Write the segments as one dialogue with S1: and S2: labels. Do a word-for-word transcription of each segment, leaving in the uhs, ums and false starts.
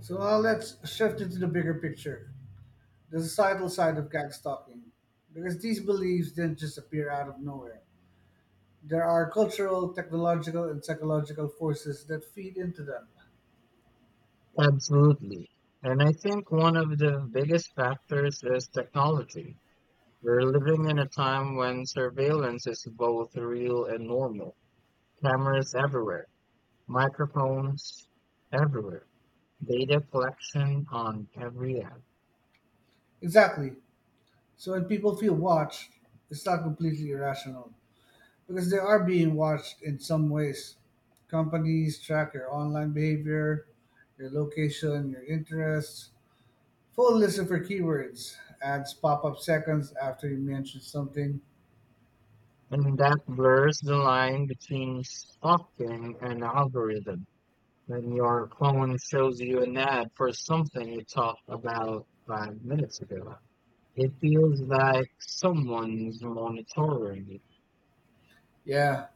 S1: So now let's shift into the bigger picture, the societal side of gag stalking, because these beliefs didn't just appear out of nowhere. There are cultural, technological, and psychological forces that feed into them.
S2: Absolutely. And I think one of the biggest factors is technology. We're living in a time when surveillance is both real and normal. Cameras everywhere, microphones everywhere, data collection on every app.
S1: Exactly. So when people feel watched, it's not completely irrational, because they are being watched in some ways. Companies track your online behavior, your location, your interests, full list of your keywords, ads pop up seconds after you mention something.
S2: And that blurs the line between stalking and algorithm. When your phone shows you an ad for something you talked about five minutes ago, it feels like someone's monitoring it.
S1: Yeah,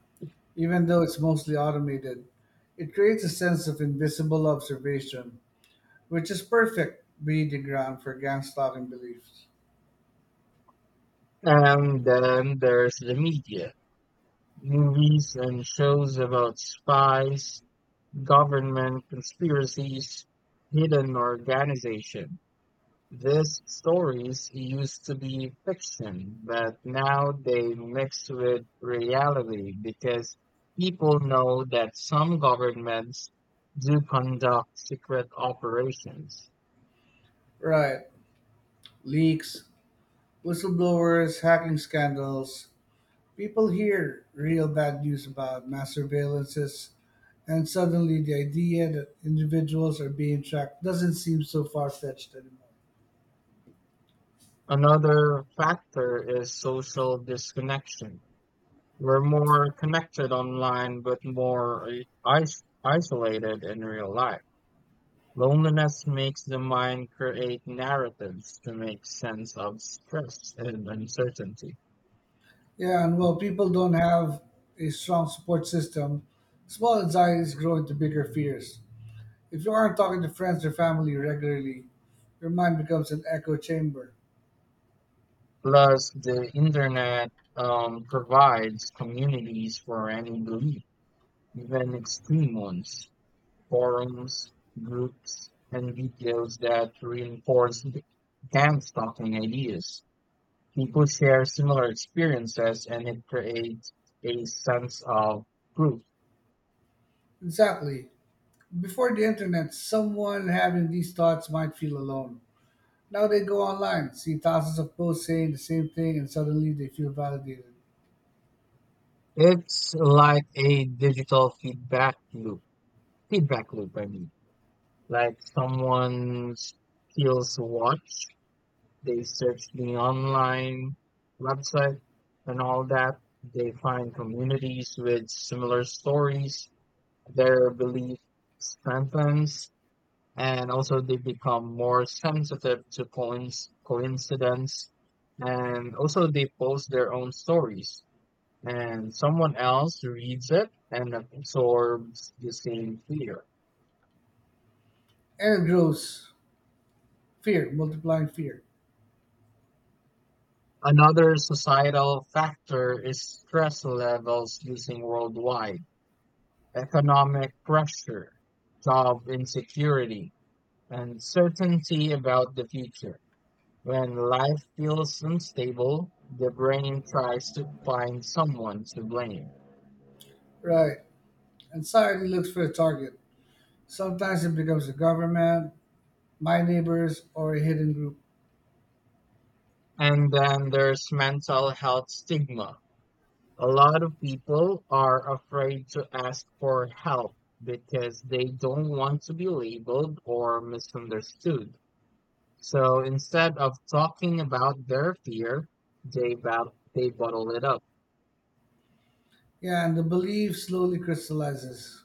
S1: even though it's mostly automated, it creates a sense of invisible observation, which is perfect breeding ground for gang stalking beliefs.
S2: And then there's the media, movies and shows about spies, government conspiracies, hidden organization. These stories used to be fiction, but now they mix with reality because people know that some governments do conduct secret operations.
S1: Right. Leaks, whistleblowers, hacking scandals. People hear real bad news about mass surveillances, and suddenly the idea that individuals are being tracked doesn't seem so far fetched anymore.
S2: Another factor is social disconnection. We're more connected online, but more i- is- isolated in real life. Loneliness makes the mind create narratives to make sense of stress and uncertainty.
S1: Yeah, and while people don't have a strong support system, small anxieties grow into bigger fears. If you aren't talking to friends or family regularly, your mind becomes an echo chamber.
S2: Plus, the internet um, provides communities for any belief, even extreme ones, forums, groups, and videos that reinforce the- and stopping ideas. People share similar experiences and it creates a sense of group.
S1: Exactly. Before the internet, someone having these thoughts might feel alone. Now they go online, see thousands of posts saying the same thing, and suddenly they feel validated.
S2: It's like a digital feedback loop. Feedback loop, I mean. Like someone feels watched, they search the online website and all that. They find communities with similar stories. Their belief strengthens and also they become more sensitive to coinc- coincidence and also they post their own stories and someone else reads it and absorbs the same fear.
S1: And it grows. Fear, multiplying fear.
S2: Another societal factor is stress levels using worldwide, economic pressure, job insecurity, and certainty about the future. When life feels unstable, the brain tries to find someone to blame.
S1: Right. Anxiety looks for a target. Sometimes it becomes the government, my neighbors, or a hidden group.
S2: And then there's mental health stigma. A lot of people are afraid to ask for help because they don't want to be labeled or misunderstood. So instead of talking about their fear, they, bat- they bottle it up.
S1: Yeah, and the belief slowly crystallizes.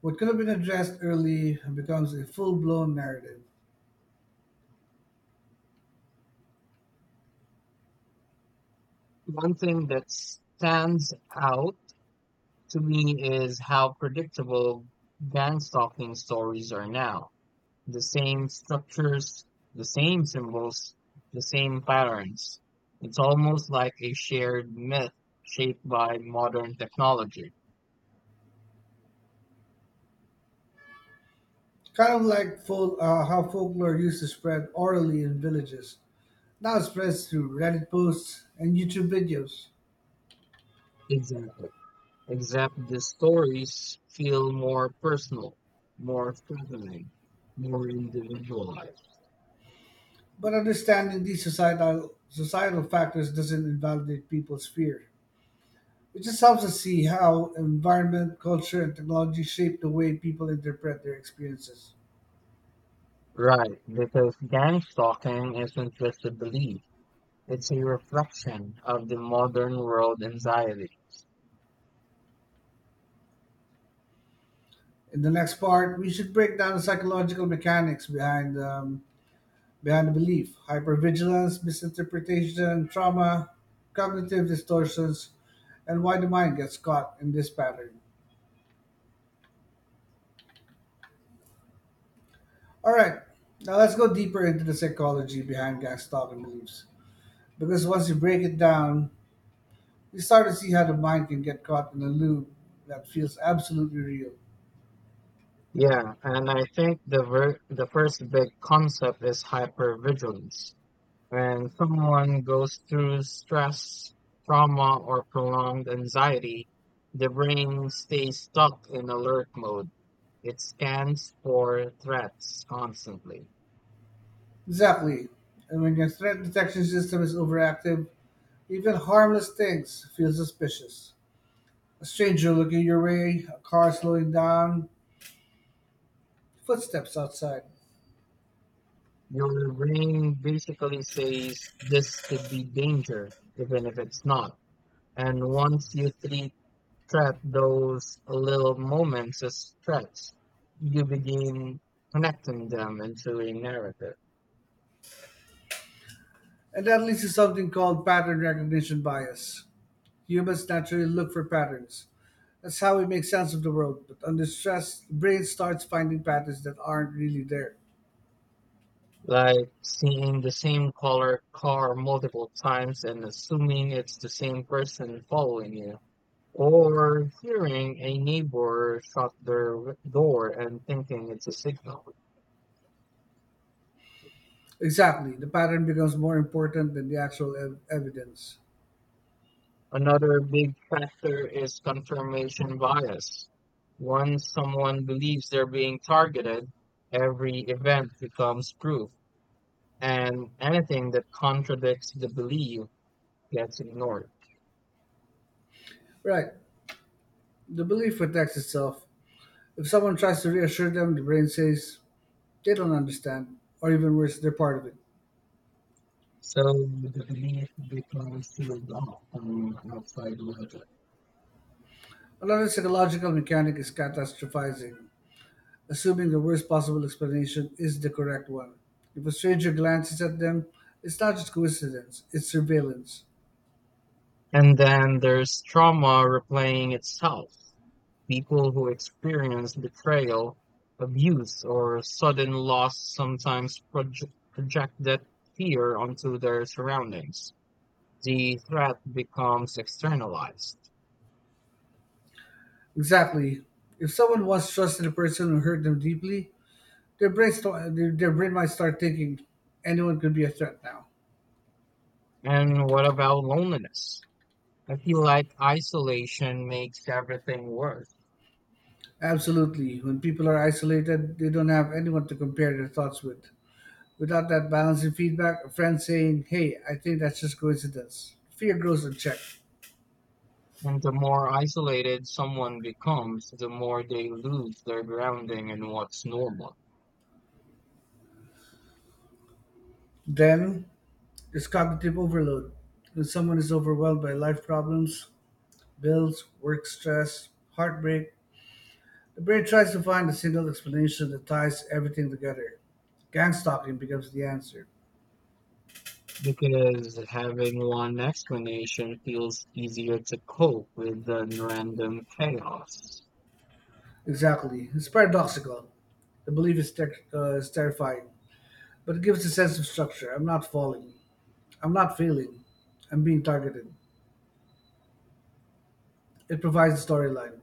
S1: What could have been addressed early becomes a full-blown narrative.
S2: One thing that stands out to me is how predictable gang stalking stories are now. The same structures, the same symbols, the same patterns. It's almost like a shared myth shaped by modern technology.
S1: Kind of like fol- uh, how folklore used to spread orally in villages. Now it spreads through Reddit posts and YouTube videos.
S2: Exactly. Except the stories feel more personal, more threatening, more individualized.
S1: But understanding these societal societal factors doesn't invalidate people's fear. It just helps us see how environment, culture, and technology shape the way people interpret their experiences.
S2: Right, because gang stalking isn't just a belief, it's a reflection of the modern world anxiety.
S1: In the next part, we should break down the psychological mechanics behind um, beyond belief, hypervigilance, misinterpretation, trauma, cognitive distortions, and why the mind gets caught in this pattern. All right, now let's go deeper into the psychology behind gang stalking beliefs. Because once you break it down, you start to see how the mind can get caught in a loop that feels absolutely real.
S2: Yeah, and I think the ver- the first big concept is hypervigilance. When someone goes through stress, trauma, or prolonged anxiety, the brain stays stuck in alert mode. It scans for threats constantly.
S1: Exactly. And when your threat detection system is overactive, even harmless things feel suspicious. A stranger looking your way, a car slowing down, footsteps outside.
S2: Your brain basically says this could be danger, even if it's not. And once you treat trap those little moments as threats, you begin connecting them into a narrative,
S1: And that leads to something called pattern recognition bias. Humans naturally look for patterns. That's how we make sense of the world. But under stress, the brain starts finding patterns that aren't really there.
S2: like seeing the same color car multiple times and assuming it's the same person following you, or hearing a neighbor shut their w- door and thinking it's a signal.
S1: Exactly. The pattern becomes more important than the actual ev- evidence.
S2: Another big factor is confirmation bias. Once someone believes they're being targeted, every event becomes proof and anything that contradicts the belief gets ignored.
S1: Right. The belief protects itself. If someone tries to reassure them, the brain says they don't understand, or even worse, they're part of it.
S2: So the belief becomes sealed off from outside logic.
S1: Another psychological mechanic is catastrophizing. Assuming the worst possible explanation is the correct one. If a stranger glances at them, it's not just coincidence, it's surveillance.
S2: And then there's trauma replaying itself. People who experience betrayal, abuse, or sudden loss sometimes proje- project that fear onto their surroundings. The threat becomes externalized.
S1: Exactly. If someone once trusted a person who hurt them deeply, their brain, st- their, their brain might start thinking anyone could be a threat now.
S2: And what about loneliness? I feel like isolation makes everything worse.
S1: Absolutely. When people are isolated, they don't have anyone to compare their thoughts with. Without that balancing feedback, a friend saying, "Hey, I think that's just coincidence," fear grows unchecked.
S2: And the more isolated someone becomes, the more they lose their grounding in what's normal.
S1: Then, it's cognitive overload. When someone is overwhelmed by life problems, bills, work stress, heartbreak, the brain tries to find a single explanation that ties everything together. Gang stalking becomes the answer.
S2: Because having one explanation feels easier to cope with than random chaos.
S1: Exactly. It's paradoxical. The belief is, ter- uh, is terrifying, but it gives a sense of structure. I'm not falling. I'm not failing. I'm being targeted. It provides a storyline.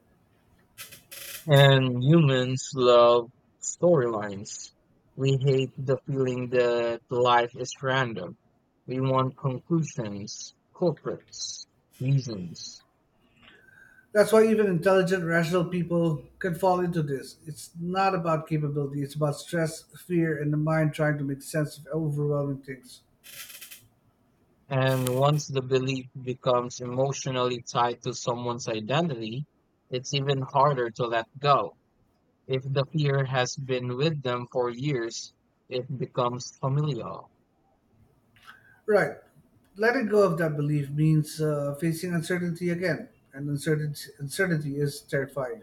S2: And humans love storylines. We hate the feeling that life is random. We want conclusions, culprits, reasons.
S1: That's why even intelligent, rational people can fall into this. It's not about capability, it's about stress, fear, and the mind trying to make sense of overwhelming things.
S2: And once the belief becomes emotionally tied to someone's identity, it's even harder to let go. If the fear has been with them for years, it becomes familial.
S1: Right. Letting go of that belief means uh, facing uncertainty again, and uncertainty, uncertainty is terrifying.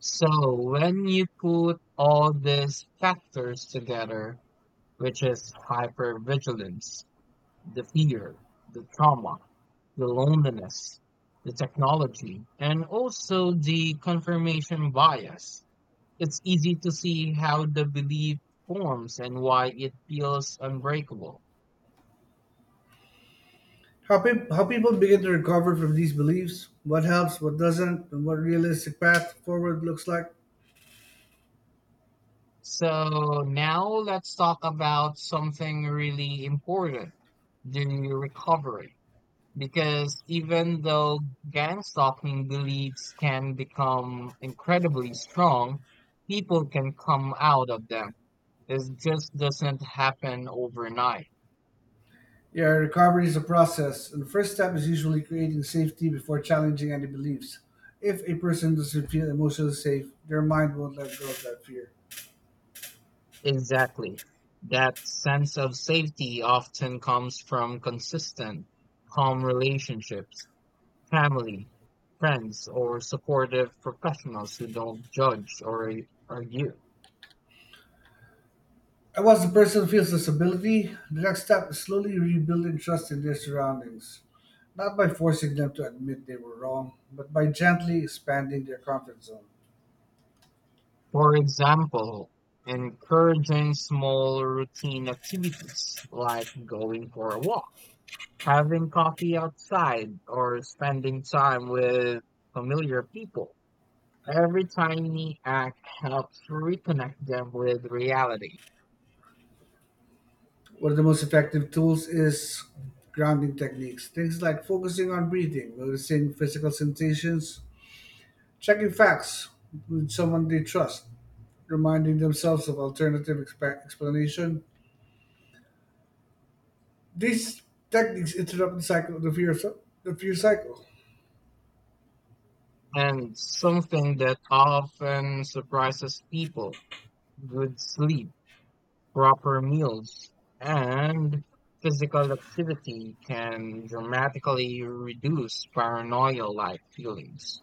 S2: So when you put all these factors together, which is hypervigilance, the fear, the trauma, the loneliness, the technology, and also the confirmation bias, it's easy to see how the belief forms and why it feels unbreakable.
S1: How, peop how people begin to recover from these beliefs, what helps, what doesn't, and what realistic path forward looks like.
S2: So now let's talk about something really important during your recovery. Because even though gang stalking beliefs can become incredibly strong, people can come out of them. It just doesn't happen overnight.
S1: Yeah, recovery is a process, and the first step is usually creating safety before challenging any beliefs. If a person doesn't feel emotionally safe, their mind won't let go of that fear.
S2: Exactly. That sense of safety often comes from consistent, calm relationships, family, friends, or supportive professionals who don't judge or ar- argue.
S1: And once the person feels this ability, the next step is slowly rebuilding trust in their surroundings. Not by forcing them to admit they were wrong, but by gently expanding their comfort zone.
S2: For example, encouraging small routine activities like going for a walk, having coffee outside, or spending time with familiar people. Every tiny act helps reconnect them with reality.
S1: One of the most effective tools is grounding techniques. Things like focusing on breathing, noticing physical sensations, checking facts with someone they trust, reminding themselves of alternative expa- explanation. These techniques interrupt the cycle of the fear, the fear cycle.
S2: And something that often surprises people: good sleep, proper meals, and physical activity can dramatically reduce paranoia like feelings.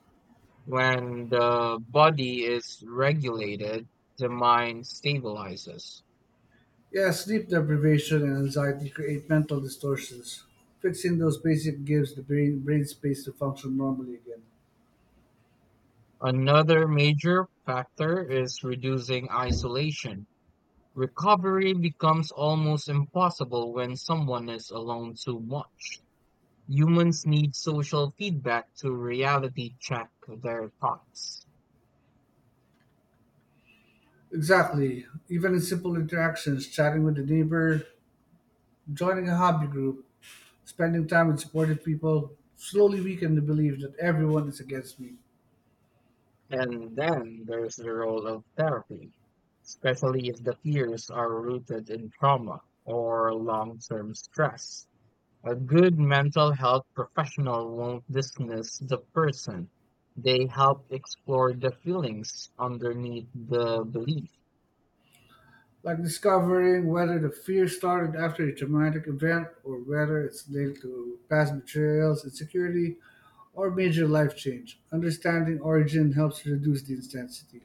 S2: When the body is regulated, the mind stabilizes.
S1: Yeah, sleep deprivation and anxiety create mental distortions. Fixing those basic gives the brain, brain space to function normally again.
S2: Another major factor is reducing isolation. Recovery becomes almost impossible when someone is alone too much. Humans need social feedback to reality check their thoughts.
S1: Exactly. Even in simple interactions, chatting with a neighbor, joining a hobby group, spending time with supportive people, slowly weaken the belief that everyone is against me.
S2: And then there's the role of therapy, especially if the fears are rooted in trauma or long term stress. A good mental health professional won't dismiss the person. They help explore the feelings underneath the belief.
S1: Like discovering whether the fear started after a traumatic event or whether it's linked to past betrayals, insecurity, or major life change. Understanding origin helps reduce the intensity.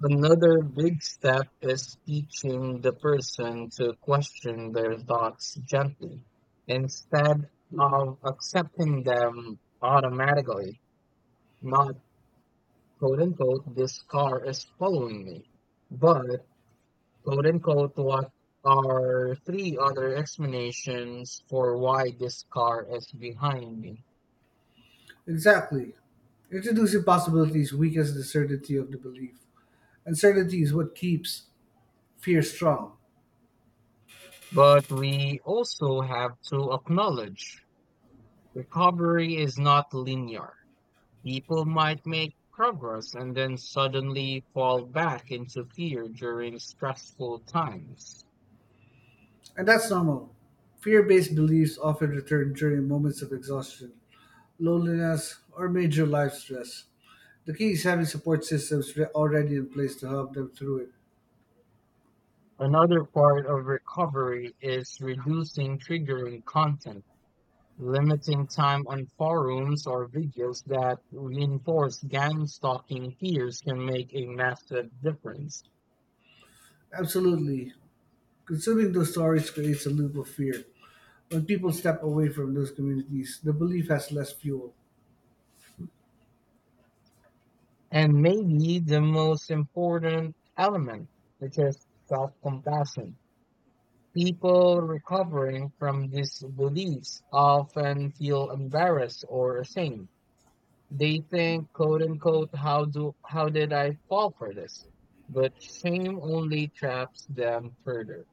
S2: Another big step is teaching the person to question their thoughts gently instead of accepting them automatically. Not quote unquote, this car is following me, but quote unquote, what are three other explanations for why this car is behind me?
S1: Exactly. Introducing possibilities weakens the certainty of the belief. Uncertainty is what keeps fear strong.
S2: But we also have to acknowledge recovery is not linear. People might make progress and then suddenly fall back into fear during stressful times.
S1: And that's normal. Fear based beliefs often return during moments of exhaustion, loneliness, or major life stress. The key is having support systems re- already in place to help them through it.
S2: Another part of recovery is reducing triggering content, limiting time on forums or videos that reinforce gang stalking fears can make a massive difference.
S1: Absolutely. Consuming those stories creates a loop of fear. When people step away from those communities, the belief has less fuel.
S2: And maybe the most important element, which is self compassion. People recovering from these beliefs often feel embarrassed or ashamed. They think, quote unquote, how do how did I fall for this? But shame only traps them further.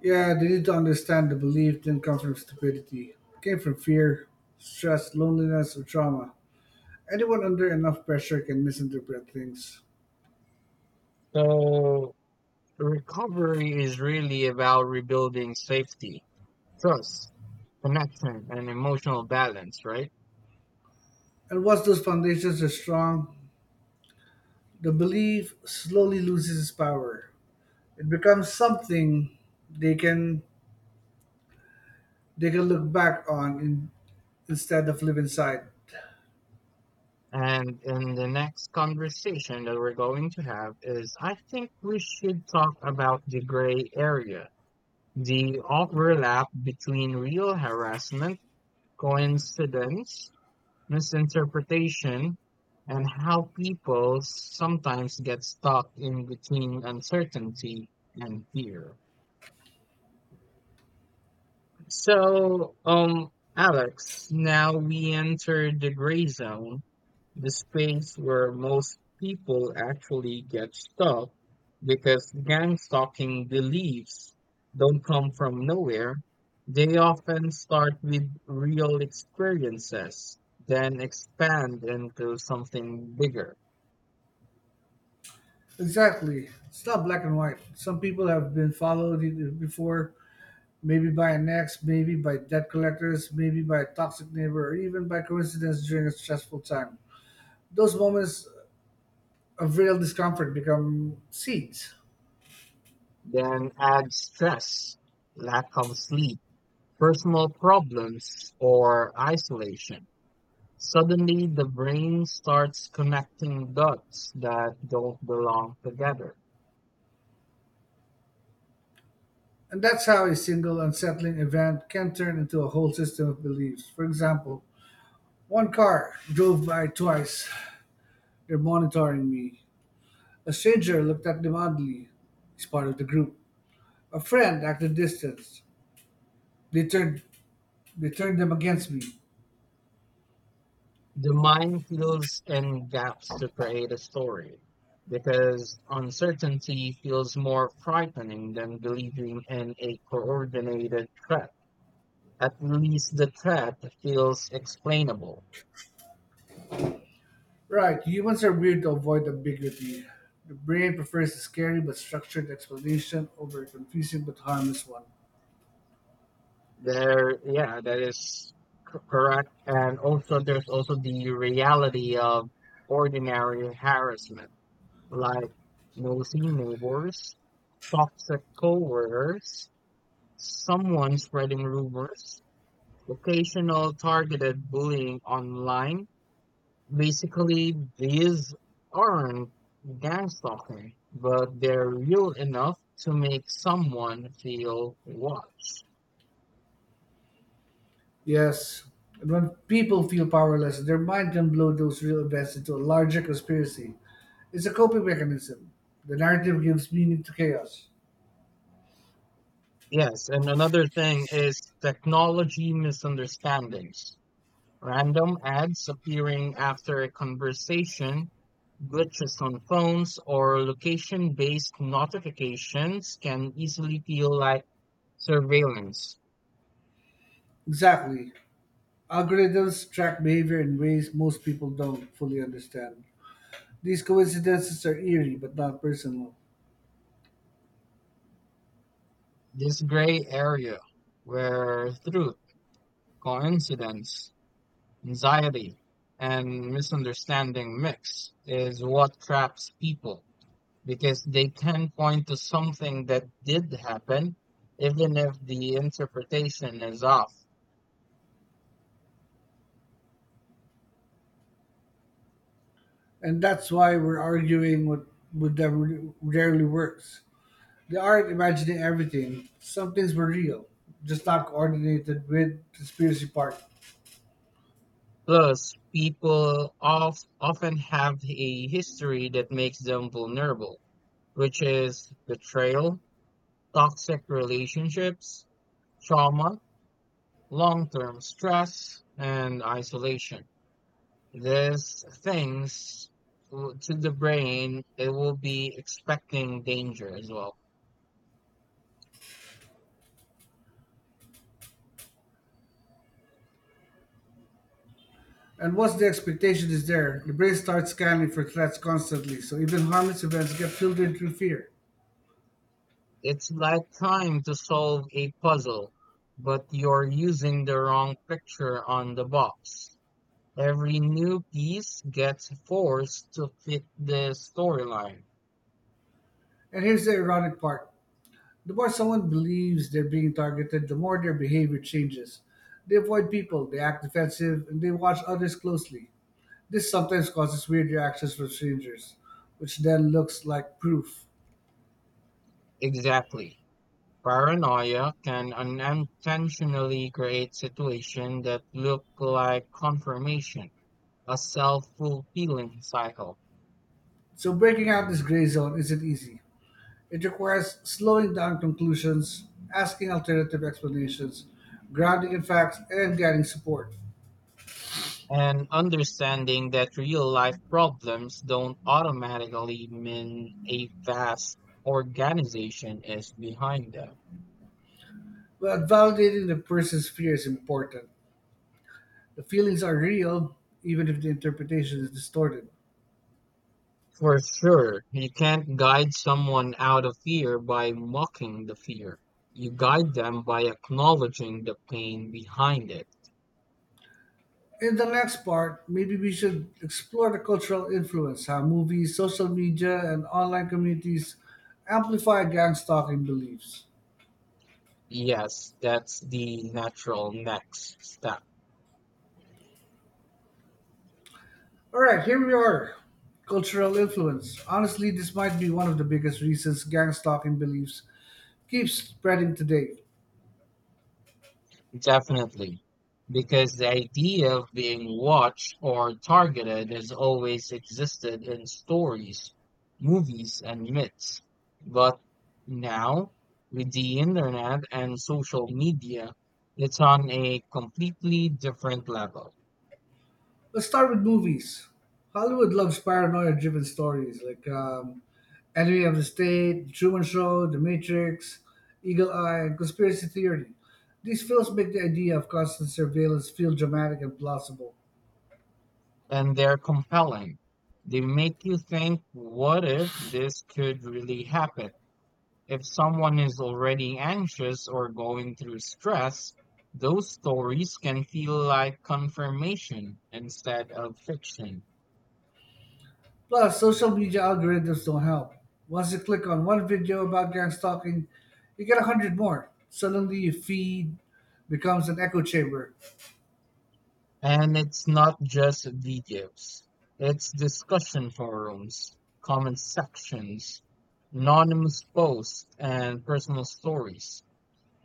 S1: Yeah, they need to understand the belief didn't come from stupidity. It came from fear, stress, loneliness, or trauma. Anyone under enough pressure can misinterpret things.
S2: So recovery is really about rebuilding safety, trust, connection, and emotional balance, right?
S1: And once those foundations are strong, the belief slowly loses its power. It becomes something they can they can look back on in, instead of live inside.
S2: And in the next conversation that we're going to have is I think we should talk about the gray area, the overlap between real harassment, coincidence, misinterpretation, and how people sometimes get stuck in between uncertainty and fear. So, um, Alex, now we enter the gray zone, the space where most people actually get stuck because gang stalking beliefs don't come from nowhere. They often start with real experiences, then expand into something bigger,
S1: Exactly. It's not black and white. Some people have been followed either before, maybe by an ex, maybe by debt collectors, maybe by a toxic neighbor, or even by coincidence during a stressful time. Those moments of real discomfort become seeds.
S2: then add stress, lack of sleep, personal problems, or isolation. Suddenly, the brain starts connecting dots that don't belong together.
S1: And that's how a single unsettling event can turn into a whole system of beliefs. For example, one car drove by twice. They're monitoring me. A stranger looked at them oddly. He's part of the group. A friend acted distanced. They turned they turned them against me.
S2: The mind fills in gaps to create a story because uncertainty feels more frightening than believing in a coordinated threat. At least the threat feels explainable.
S1: Right, humans are weird to avoid ambiguity. The brain prefers a scary but structured explanation over a confusing but harmless one.
S2: There, yeah, that is c- correct. And also, there's also the reality of ordinary harassment, like nosy neighbors, toxic coworkers, someone spreading rumors, occasional targeted bullying online. Basically, these aren't gang stalking, but they're real enough to make someone feel watched.
S1: Yes. And when people feel powerless, their mind can blow those real events into a larger conspiracy. It's a coping mechanism. The narrative gives meaning to chaos.
S2: Yes, and another thing is technology misunderstandings. Random ads appearing after a conversation, glitches on phones, or location based notifications can easily feel like surveillance.
S1: Exactly. Algorithms track behavior in ways most people don't fully understand. These coincidences are eerie but not personal.
S2: This gray area where truth, coincidence, anxiety, and misunderstanding mix is what traps people because they can point to something that did happen, even if the interpretation is off.
S1: And that's why we're arguing what would never, rarely works. They aren't imagining everything. Some things were real, just not coordinated with the conspiracy part.
S2: Plus, people of, often have a history that makes them vulnerable, which is betrayal, toxic relationships, trauma, long-term stress and isolation. These things w- to the brain, it will be expecting danger as well.
S1: And once the expectation is there, the brain starts scanning for threats constantly, so even harmless events get filtered through fear.
S2: It's like trying to solve a puzzle, but you're using the wrong picture on the box. Every new piece gets forced to fit the storyline.
S1: And here's the ironic part. The more someone believes they're being targeted, the more their behavior changes. They avoid people, they act defensive, and they watch others closely. This sometimes causes weird reactions from strangers, which then looks like proof.
S2: Exactly. Paranoia can unintentionally create situations that look like confirmation, a self-fulfilling cycle.
S1: So breaking out this gray zone isn't easy. It requires slowing down conclusions, asking alternative explanations, grounding in facts, and getting support.
S2: And understanding that real life problems don't automatically mean a vast organization is behind them.
S1: But validating the person's fear is important. The feelings are real, even if the interpretation is distorted.
S2: For sure, you can't guide someone out of fear by mocking the fear. You guide them by acknowledging the pain behind it.
S1: In the next part, maybe we should explore the cultural influence, how movies, social media, and online communities amplify gang stalking beliefs.
S2: Yes, that's the natural next step.
S1: All right, here we are. Cultural influence. Honestly, this might be one of the biggest reasons gang stalking beliefs keeps spreading today.
S2: Definitely. Because the idea of being watched or targeted has always existed in stories, movies, and myths. But now, with the internet and social media, it's on a completely different level.
S1: Let's start with movies. Hollywood loves paranoia-driven stories like um, Enemy of the State, The Truman Show, The Matrix, Eagle Eye, and Conspiracy Theory. These films make the idea of constant surveillance feel dramatic and plausible.
S2: And they're compelling. They make you think, what if this could really happen? If someone is already anxious or going through stress, those stories can feel like confirmation instead of fiction.
S1: Plus, social media algorithms don't help. Once you click on one video about gang stalking, you get a hundred more. Suddenly, your feed becomes an echo chamber.
S2: And it's not just videos, it's discussion forums, comment sections, anonymous posts, and personal stories.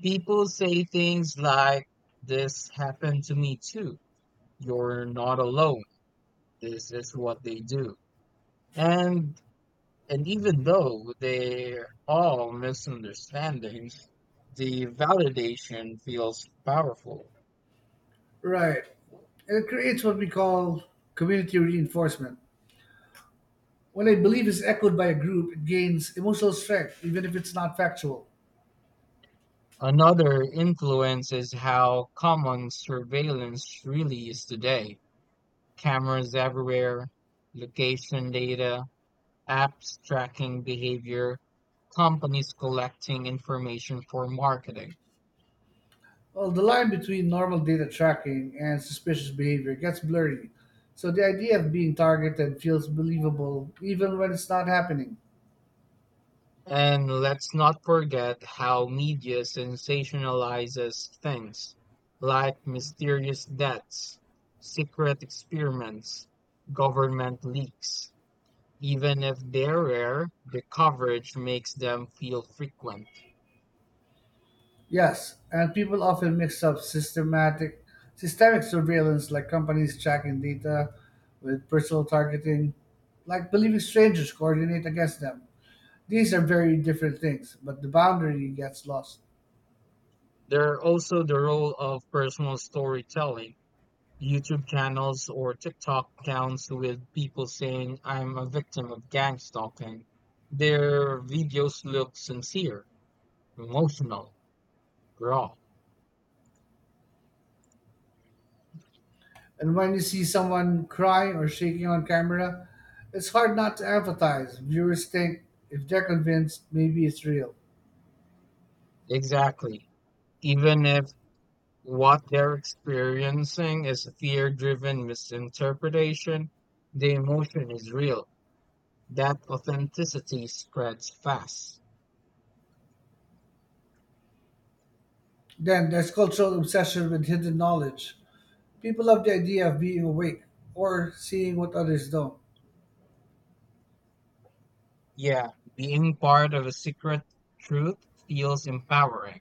S2: People say things like, this happened to me too. You're not alone. This is what they do. And And even though they're all misunderstandings, the validation feels powerful.
S1: Right. And it creates what we call community reinforcement. When a belief is echoed by a group, it gains emotional strength, even if it's not factual.
S2: Another influence is how common surveillance really is today. Cameras everywhere, location data, apps tracking behavior, companies collecting information for marketing.
S1: Well, the line between normal data tracking and suspicious behavior gets blurry, so the idea of being targeted feels believable even when it's not happening.
S2: And let's not forget how media sensationalizes things like mysterious deaths, secret experiments, government leaks. Even if they're rare, the coverage makes them feel frequent.
S1: Yes, and people often mix up systematic systemic surveillance like companies tracking data with personal targeting, like believing strangers coordinate against them. These are very different things, but the boundary gets lost.
S2: There are also the role of personal storytelling. YouTube channels or TikTok accounts with people saying, I'm a victim of gang stalking. Their videos look sincere, emotional, raw.
S1: And when you see someone crying or shaking on camera, it's hard not to empathize. Viewers think if they're convinced, maybe it's real.
S2: Exactly. Even if what they're experiencing is a fear driven misinterpretation, the emotion is real. That authenticity spreads fast.
S1: Then there's cultural obsession with hidden knowledge. People love the idea of being awake or seeing what others don't.
S2: Yeah, being part of a secret truth feels empowering.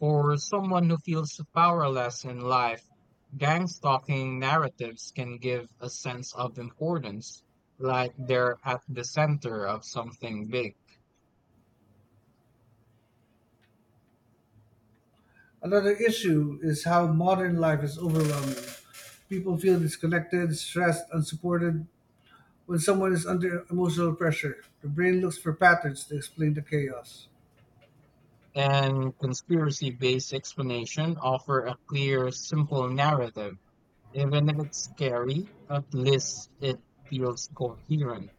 S2: For someone who feels powerless in life, gang stalking narratives can give a sense of importance, like they're at the center of something big.
S1: Another issue is how modern life is overwhelming. People feel disconnected, stressed, unsupported. When someone is under emotional pressure, the brain looks for patterns to explain the chaos.
S2: And conspiracy-based explanation offer a clear, simple narrative. Even if it's scary, at least it feels coherent,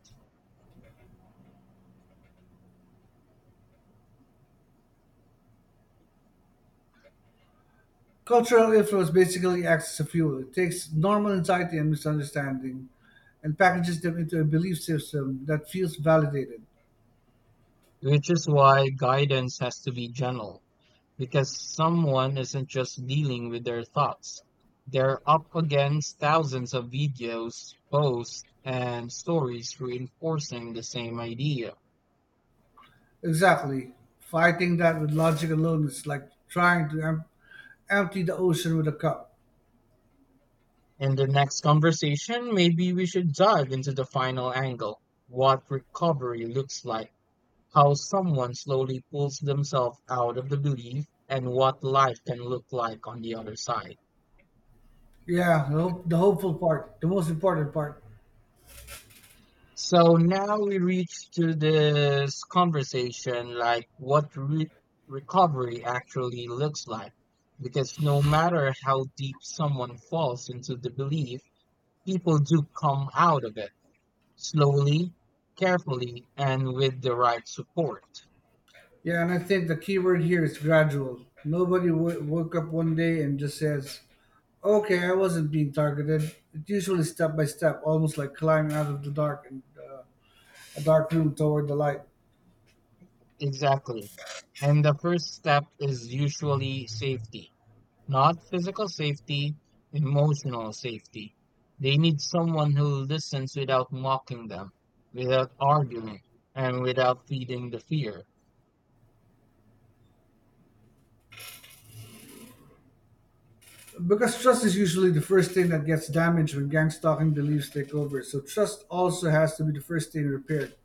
S1: Cultural influence basically acts as a fuel. It takes normal anxiety and misunderstanding and packages them into a belief system that feels validated.
S2: which is why guidance has to be gentle, because someone isn't just dealing with their thoughts. They're up against thousands of videos, posts, and stories reinforcing the same idea.
S1: Exactly. Fighting that with logic alone is like trying to em- empty the ocean with a cup.
S2: In the next conversation, maybe we should dive into the final angle, what recovery looks like, how someone slowly pulls themselves out of the belief and what life can look like on the other side.
S1: Yeah, the, hope- the hopeful part, the most important part.
S2: So now we reach to this conversation like what re- recovery actually looks like. Because no matter how deep someone falls into the belief, people do come out of it slowly, carefully, and with the right support.
S1: Yeah, and I think the key word here is gradual. Nobody w- woke up one day and just says, "Okay, I wasn't being targeted." It's usually step by step, almost like climbing out of the dark and uh, a dark room toward the light.
S2: Exactly. And the first step is usually safety. Not physical safety, emotional safety. They need someone who listens without mocking them, without arguing, and without feeding the fear.
S1: Because trust is usually the first thing that gets damaged when gang stalking beliefs take over. So trust also has to be the first thing repaired.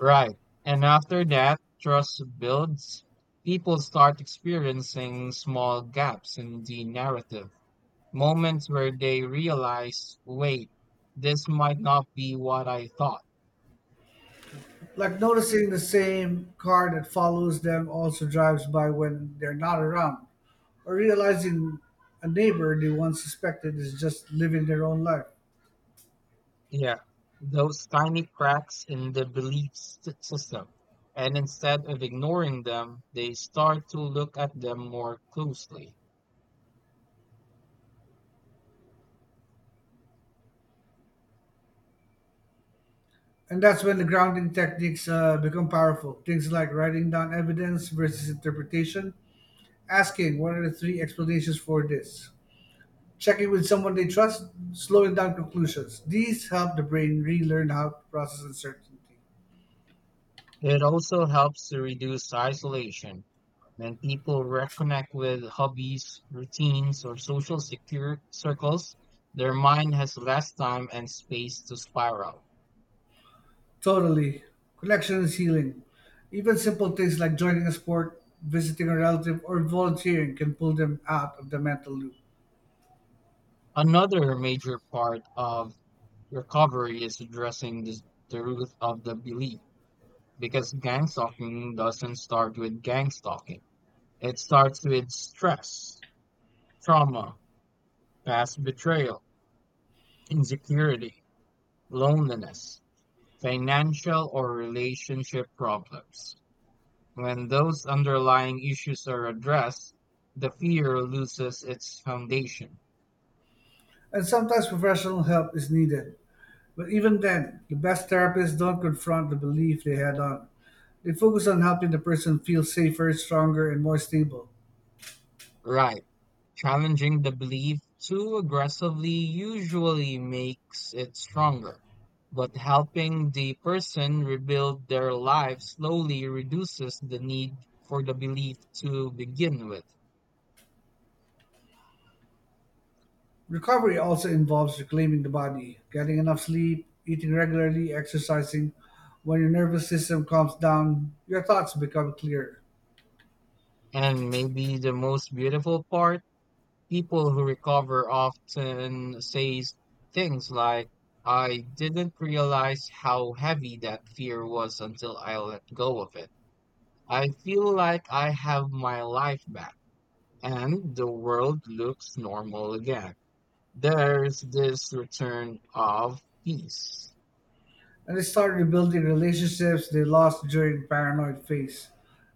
S2: Right. And after that, trust builds. People start experiencing small gaps in the narrative, moments where they realize, wait, this might not be what I thought.
S1: Like noticing the same car that follows them also drives by when they're not around, or realizing a neighbor they once suspected is just living their own life.
S2: Yeah, those tiny cracks in the belief s- system. And instead of ignoring them, they start to look at them more closely.
S1: And that's when the grounding techniques uh, become powerful. Things like writing down evidence versus interpretation, asking what are the three explanations for this, checking with someone they trust, slowing down conclusions. These help the brain relearn how to process uncertainty.
S2: It also helps to reduce isolation. When people reconnect with hobbies, routines, or social secure circles, their mind has less time and space to spiral.
S1: Totally. Connection is healing. Even simple things like joining a sport, visiting a relative, or volunteering can pull them out of the mental loop.
S2: Another major part of recovery is addressing this, the root of the belief. Because gang stalking doesn't start with gang stalking. It starts with stress, trauma, past betrayal, insecurity, loneliness, financial or relationship problems. When those underlying issues are addressed, the fear loses its foundation.
S1: And sometimes professional help is needed. But even then, the best therapists don't confront the belief they had on. They focus on helping the person feel safer, stronger, and more stable.
S2: Right. Challenging the belief too aggressively usually makes it stronger, but helping the person rebuild their life slowly reduces the need for the belief to begin with.
S1: Recovery also involves reclaiming the body, getting enough sleep, eating regularly, exercising. When your nervous system calms down, your thoughts become clearer.
S2: And maybe the most beautiful part, people who recover often say things like, I didn't realize how heavy that fear was until I let go of it. I feel like I have my life back. And the world looks normal again. There's this return of peace.
S1: And they start rebuilding relationships they lost during paranoid phase.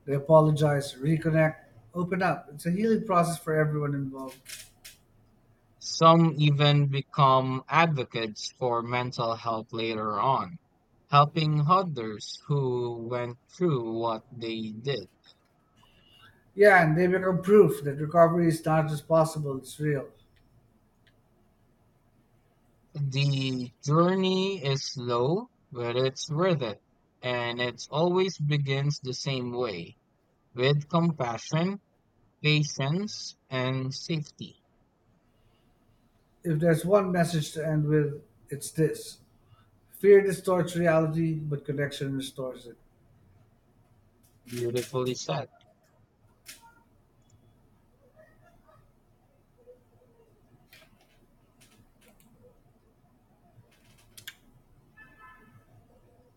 S1: They apologize, reconnect, open up. It's a healing process for everyone involved.
S2: Some even become advocates for mental health later on, helping others who went through what they did.
S1: Yeah, and they become proof that recovery is not just possible, it's real.
S2: The journey is slow, but it's worth it, and it always begins the same way with compassion, patience, and safety.
S1: If there's one message to end with, it's this. Fear distorts reality, but connection restores it.
S2: Beautifully said.